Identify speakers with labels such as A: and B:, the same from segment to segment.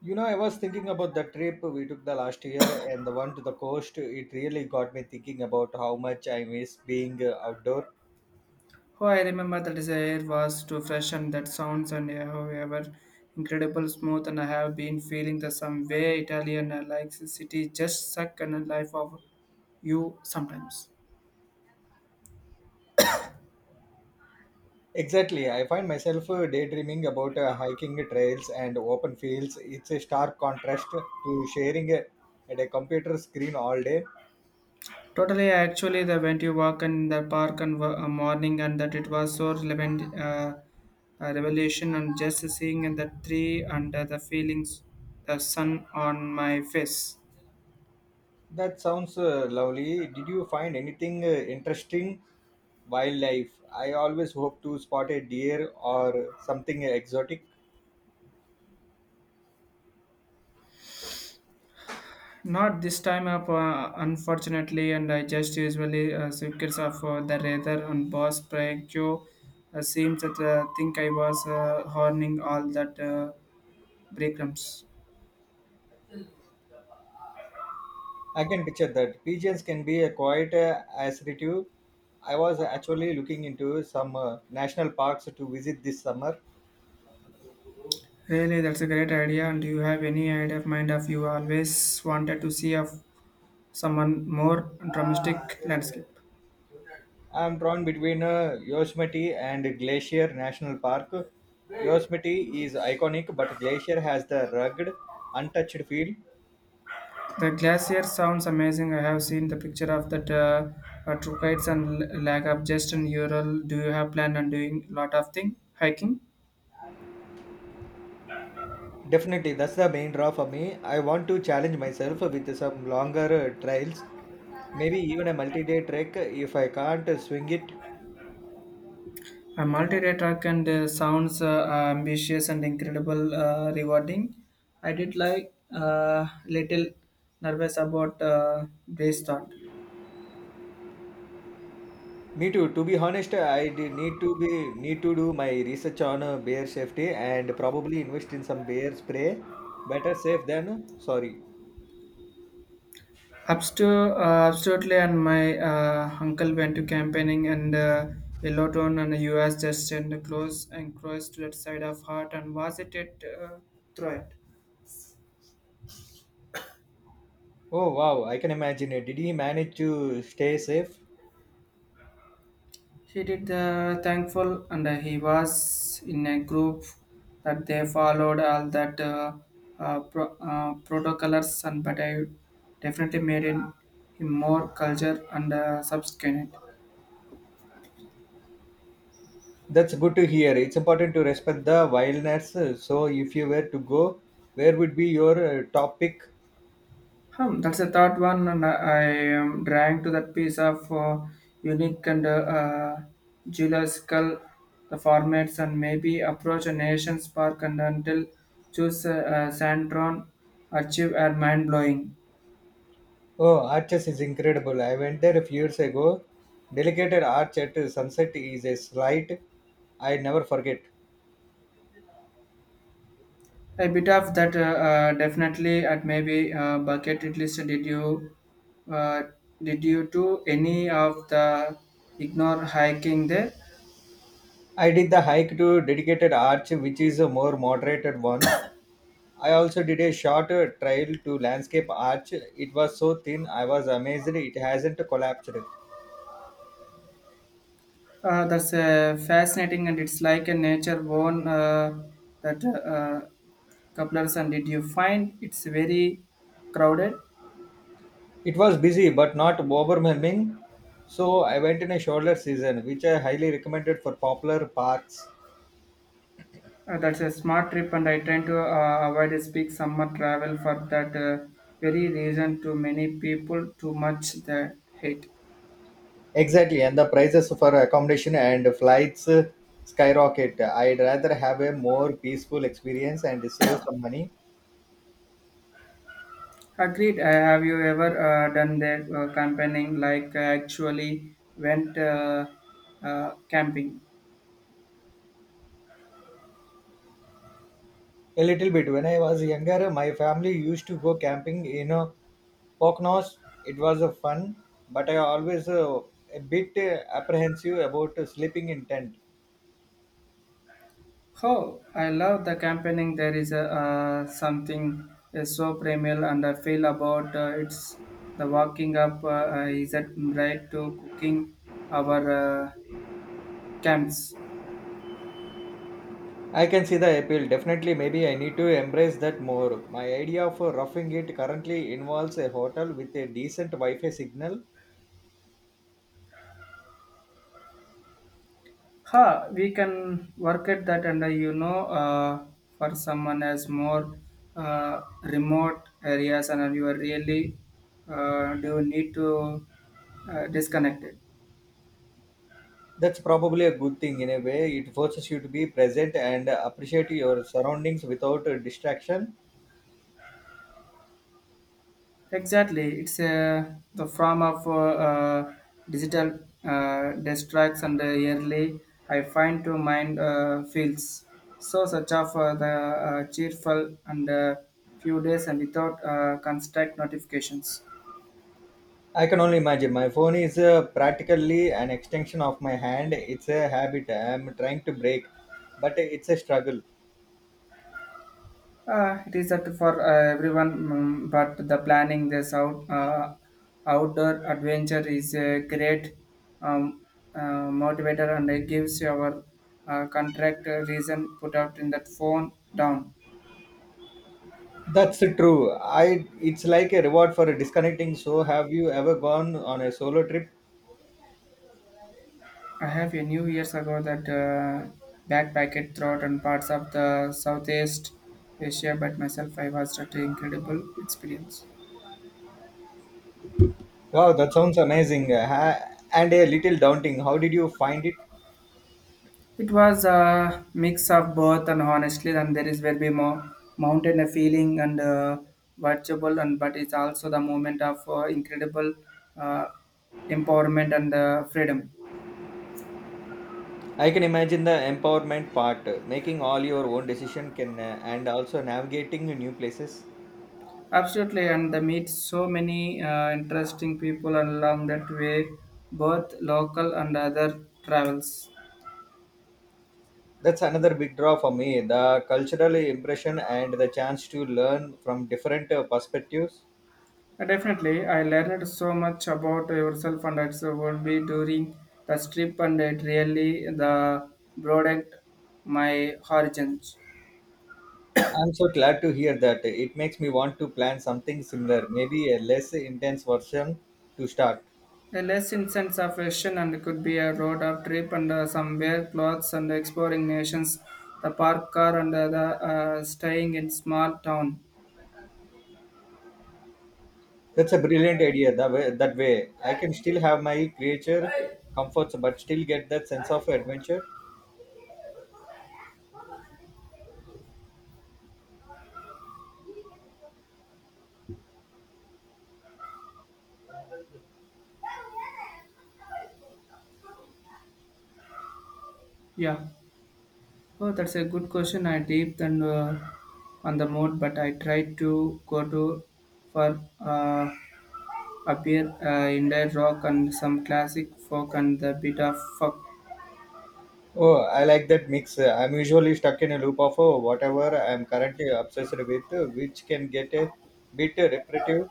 A: You know, I was thinking about the trip we took the last year and the one to the coast. It really got me thinking about how much I miss being outdoor.
B: Oh, I remember the desire was to freshen that sounds and however incredible smooth and I have been feeling the some way Italian, like the city just suck and a life of you sometimes.
A: Exactly. I find myself daydreaming about hiking trails and open fields. It's a stark contrast to sharing at a computer screen all day.
B: Totally, actually, the when you walk in the park and morning and that it was so relevant revelation and just seeing and the tree and the feelings the sun on my face.
A: That sounds lovely. Did you find anything interesting? Wildlife. I always hope to spot a deer or something exotic.
B: Not this time up, unfortunately, and I just usually secrets of the rather and boss Prankyo seems that think I was horning all that breadcrumbs.
A: I can picture that. Pigeons can be a quite assertive. I was actually looking into some national parks to visit this summer.
B: Really, that's a great idea. And do you have any idea of mind of you always wanted to see of someone more dramatic landscape?
A: I'm drawn between Yosemite and Glacier National Park. Yosemite is iconic, but Glacier has the rugged, untouched feel.
B: The glacier sounds amazing. I have seen the picture of that true kites and lag of just in Ural. Do you have plan on doing lot of thing hiking?
A: Definitely, that's the main draw for me. I want to challenge myself with some longer trails, maybe even a multi day trek if I can't swing it.
B: A multi-day and sounds ambitious and incredible rewarding. I did like little nervous about this thought.
A: Me too. To be honest, I did need to be need to do my research on bear safety and probably invest in some bear spray. Better safe than sorry.
B: Absolutely, and my uncle went to campaigning and Yellowton and the US just in the close and close to that side of heart and was it, through it.
A: Oh wow, I can imagine it. Did he manage to stay safe?
B: He did the thankful, and he was in a group that they followed all that protocols, and but I definitely made him more culture and subsequent.
A: That's good to hear. It's important to respect the wilderness. So if you were to go, where would be your top pick?
B: Hmm, that's the third one, and I am drawing to that piece of unique and geological the formats and maybe approach a nation's park and until choose Sandron, achieve are mind blowing.
A: Oh, arches is incredible. I went there a few years ago. Delicate arch at sunset is a slight I never forget.
B: A bit of that, definitely. At maybe bucket it list. Uh, did you do any of the ignore hiking there?
A: I did the hike to dedicated arch, which is a more moderated one. I also did a short trail to landscape arch. It was so thin, I was amazed it hasn't collapsed.
B: That's fascinating, and it's like a nature born that couplers. And did you find it's very crowded?
A: It was busy but not overwhelming, so I went in a shoulder season, which I highly recommended for popular parks.
B: That's a smart trip, and I tend to avoid a speak summer travel for that very reason. Too many people, too much the hate.
A: Exactly, and the prices for accommodation and flights skyrocket. I'd rather have a more peaceful experience and save some money.
B: Agreed. Have you ever done that campaigning, like actually went camping?
A: A little bit. When I was younger, my family used to go camping, you know, Poconos, it was a fun, but I always a bit apprehensive about sleeping in tent.
B: Oh, I love the campaigning. Something is so primal, and I feel about it's the walking up. Is that right to cooking our uh, camps?
A: I can see the appeal. Definitely, maybe I need to embrace that more. My idea of roughing it currently involves a hotel with a decent Wi-Fi signal.
B: Ha, we can work at that, and you know, for someone as more remote areas, and you are really do need to disconnect it.
A: That's probably a good thing in a way. It forces you to be present and appreciate your surroundings without distraction.
B: Exactly, it's the form of uh, digital distracts and yearly I find to mind feels so such of the cheerful and few days and without construct notifications.
A: I can only imagine. My phone is practically an extension of my hand. It's a habit I am trying to break, but it's a struggle.
B: It is at for everyone, but the planning this out outdoor adventure is a great um, motivator and it gives your contract a reason put out in that phone down.
A: That's true. I it's like a reward for disconnecting. So, have you ever gone on a solo trip?
B: I have a new years ago that backpacked throughout and parts of the Southeast Asia, but myself I was at an incredible experience.
A: Wow, that sounds amazing. And a little daunting. How did you find it?
B: It was a mix of both, and honestly, and there is will be more mountain a feeling and virtual, and but it's also the moment of incredible uh, empowerment and freedom.
A: I can imagine the empowerment part, making all your own decision can and also navigating new places.
B: Absolutely, and they meet so many interesting people along that way, both local and other travels.
A: That's another big draw for me, the cultural impression and the chance to learn from different perspectives.
B: Definitely, I learned so much about yourself and its would be during the trip, and it really the broadened my horizons.
A: I'm so glad to hear that. It makes me want to plan something similar, maybe a less intense version to start.
B: The lesson sense of fashion and could be a road of trip and some wear clothes and exploring nations, the park car and the staying in small town.
A: That's a brilliant idea. That way, I can still have my creature comforts, but still get that sense of adventure.
B: Yeah. Oh, that's a good question. I deep then on the mode, but I try to go to for appear indie rock and some classic folk and a bit of fuck.
A: Oh, I like that mix. I'm usually stuck in a loop of oh, whatever I'm currently obsessed with, which can get a bit repetitive.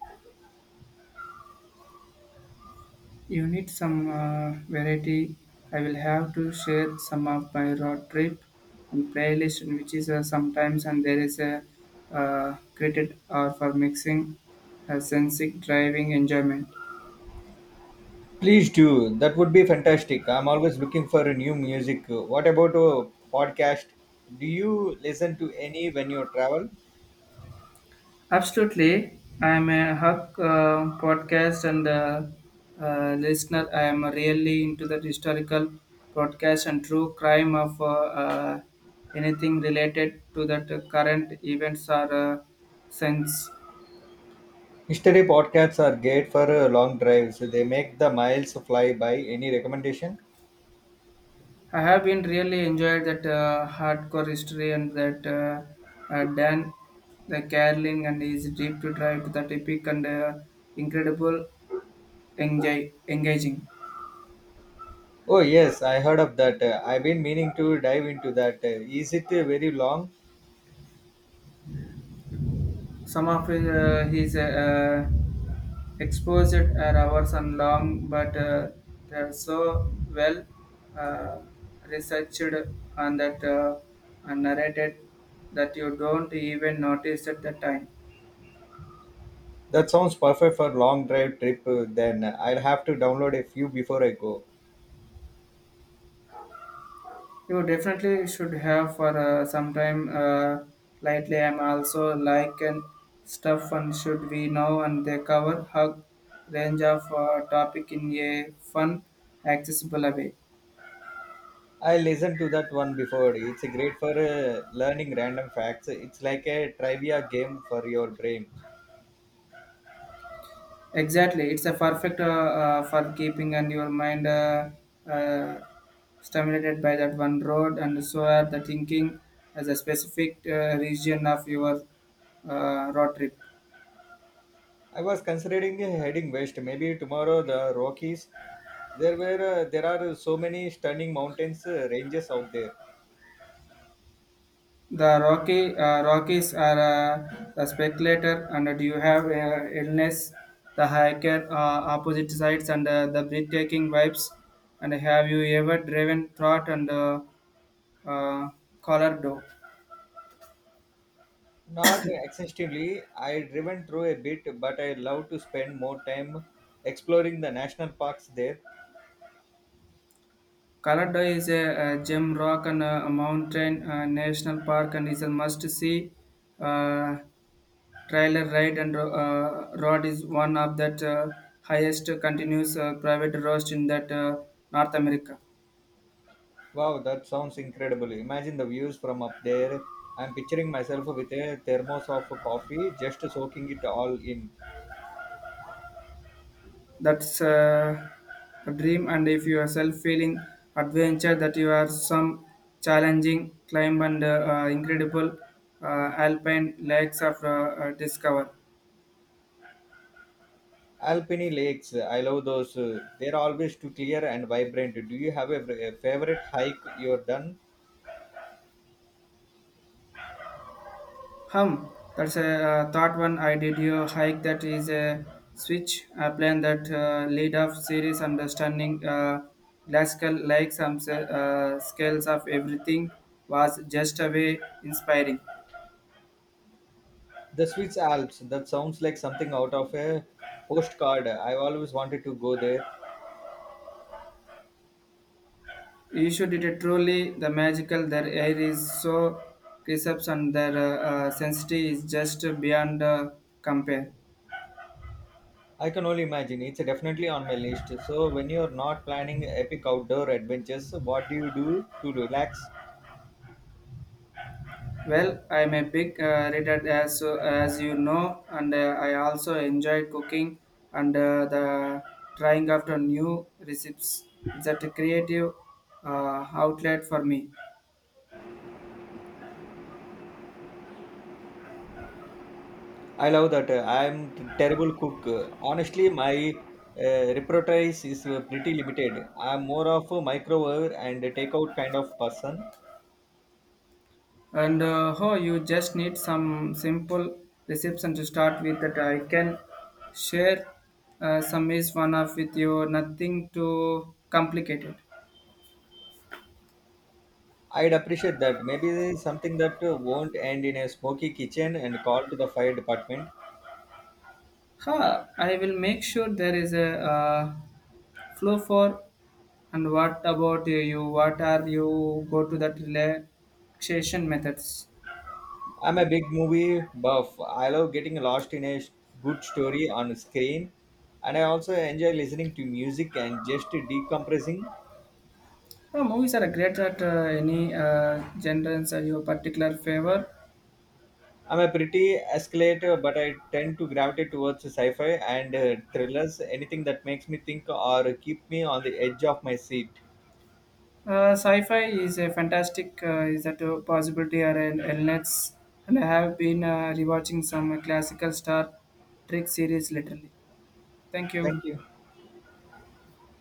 B: You need some variety. I will have to share some of my road trip and playlist, which is sometimes and there is a credit or for mixing, sensic driving enjoyment.
A: Please do. That would be fantastic. I'm always looking for a new music. What about a podcast? Do you listen to any when you travel?
B: Absolutely. I'm a Huck podcast and listener. I am really into the historical podcast and true crime of uh, anything related to that current events or uh, sense.
A: History podcasts are great for long drives. They make the miles fly by. Any recommendation?
B: I have been really enjoyed that hardcore history and that Dan the caroling and his deep to drive to that epic and incredible enjoy, engaging.
A: Oh yes, I heard of that. I've been meaning to dive into that. Is it very long?
B: Some of his, Exposed are hours and long, but they are so well uh, researched and that and narrated that you don't even notice at the time.
A: That sounds perfect for long drive trip. Then I'll have to download a few before I go.
B: You definitely should have for some time. Lightly, I'm also like and stuff, and should we know and they cover hug range of topic in a fun, accessible way.
A: I listened to that one before. It's great for learning random facts. It's like a trivia game for your brain.
B: Exactly, it's a perfect for keeping and your mind uh, stimulated by that one road, and so are the thinking as a specific region of your road trip.
A: I was considering heading west. Maybe tomorrow the Rockies. There are so many stunning mountains ranges out there.
B: The Rocky Rockies are the speculator, and do you have illness, the hiker opposite sides, and the breathtaking vibes? And have you ever driven thought and uh, Colorado?
A: Not extensively. I driven through a bit, but I love to spend more time exploring the national parks there.
B: Colorado is a gem rock and a mountain national park and is a must see uh, trailer ride and road is one of that highest continuous private roads in that North America.
A: Wow, that sounds incredible. Imagine the views from up there. I'm picturing myself with a thermos of coffee, just soaking it all in.
B: That's a dream and if you are self feeling adventure that you are some challenging climb and incredible uh, alpine lakes of discover.
A: Alpine lakes, I love those. They're always too clear and vibrant. Do you have a favorite hike you're done?
B: Hum, that's a thought one. I did your hike. That is a switch. I plan that lead up series understanding classical like some scales of everything was just a way inspiring.
A: The Swiss Alps, that sounds like something out of a postcard. I've always wanted to go there.
B: You should it is truly the magical. Their air is so crisp and their sensitivity is just beyond compare.
A: I can only imagine. It's definitely on my list. So, when you're not planning epic outdoor adventures, what do you do to relax?
B: Well, I'm a big reader as you know, and I also enjoy cooking and the trying after new recipes. It's a creative outlet for me.
A: I love that. I'm terrible cook. Honestly, my repertoire is pretty limited. I'm more of a microwave and a takeout kind of person.
B: And oh, you just need some simple recipes and to start with that I can share some is one of with you. Nothing too complicated.
A: I'd appreciate that. Maybe something that won't end in a smoky kitchen and call to the fire department.
B: Huh, I will make sure there is a flow for And what about you? What are you go to that relaxation methods?
A: I'm a big movie buff. I love getting lost in a good story on screen, and I also enjoy listening to music and just decompressing.
B: Movies are great at any genres or your particular favor.
A: I'm a pretty escalator, but I tend to gravitate towards sci-fi and thrillers, anything that makes me think or keep me on the edge of my seat.
B: Sci-fi is a fantastic is that a possibility or an illness. And I have been rewatching some classical Star Trek series lately. Thank you.
A: Thank you.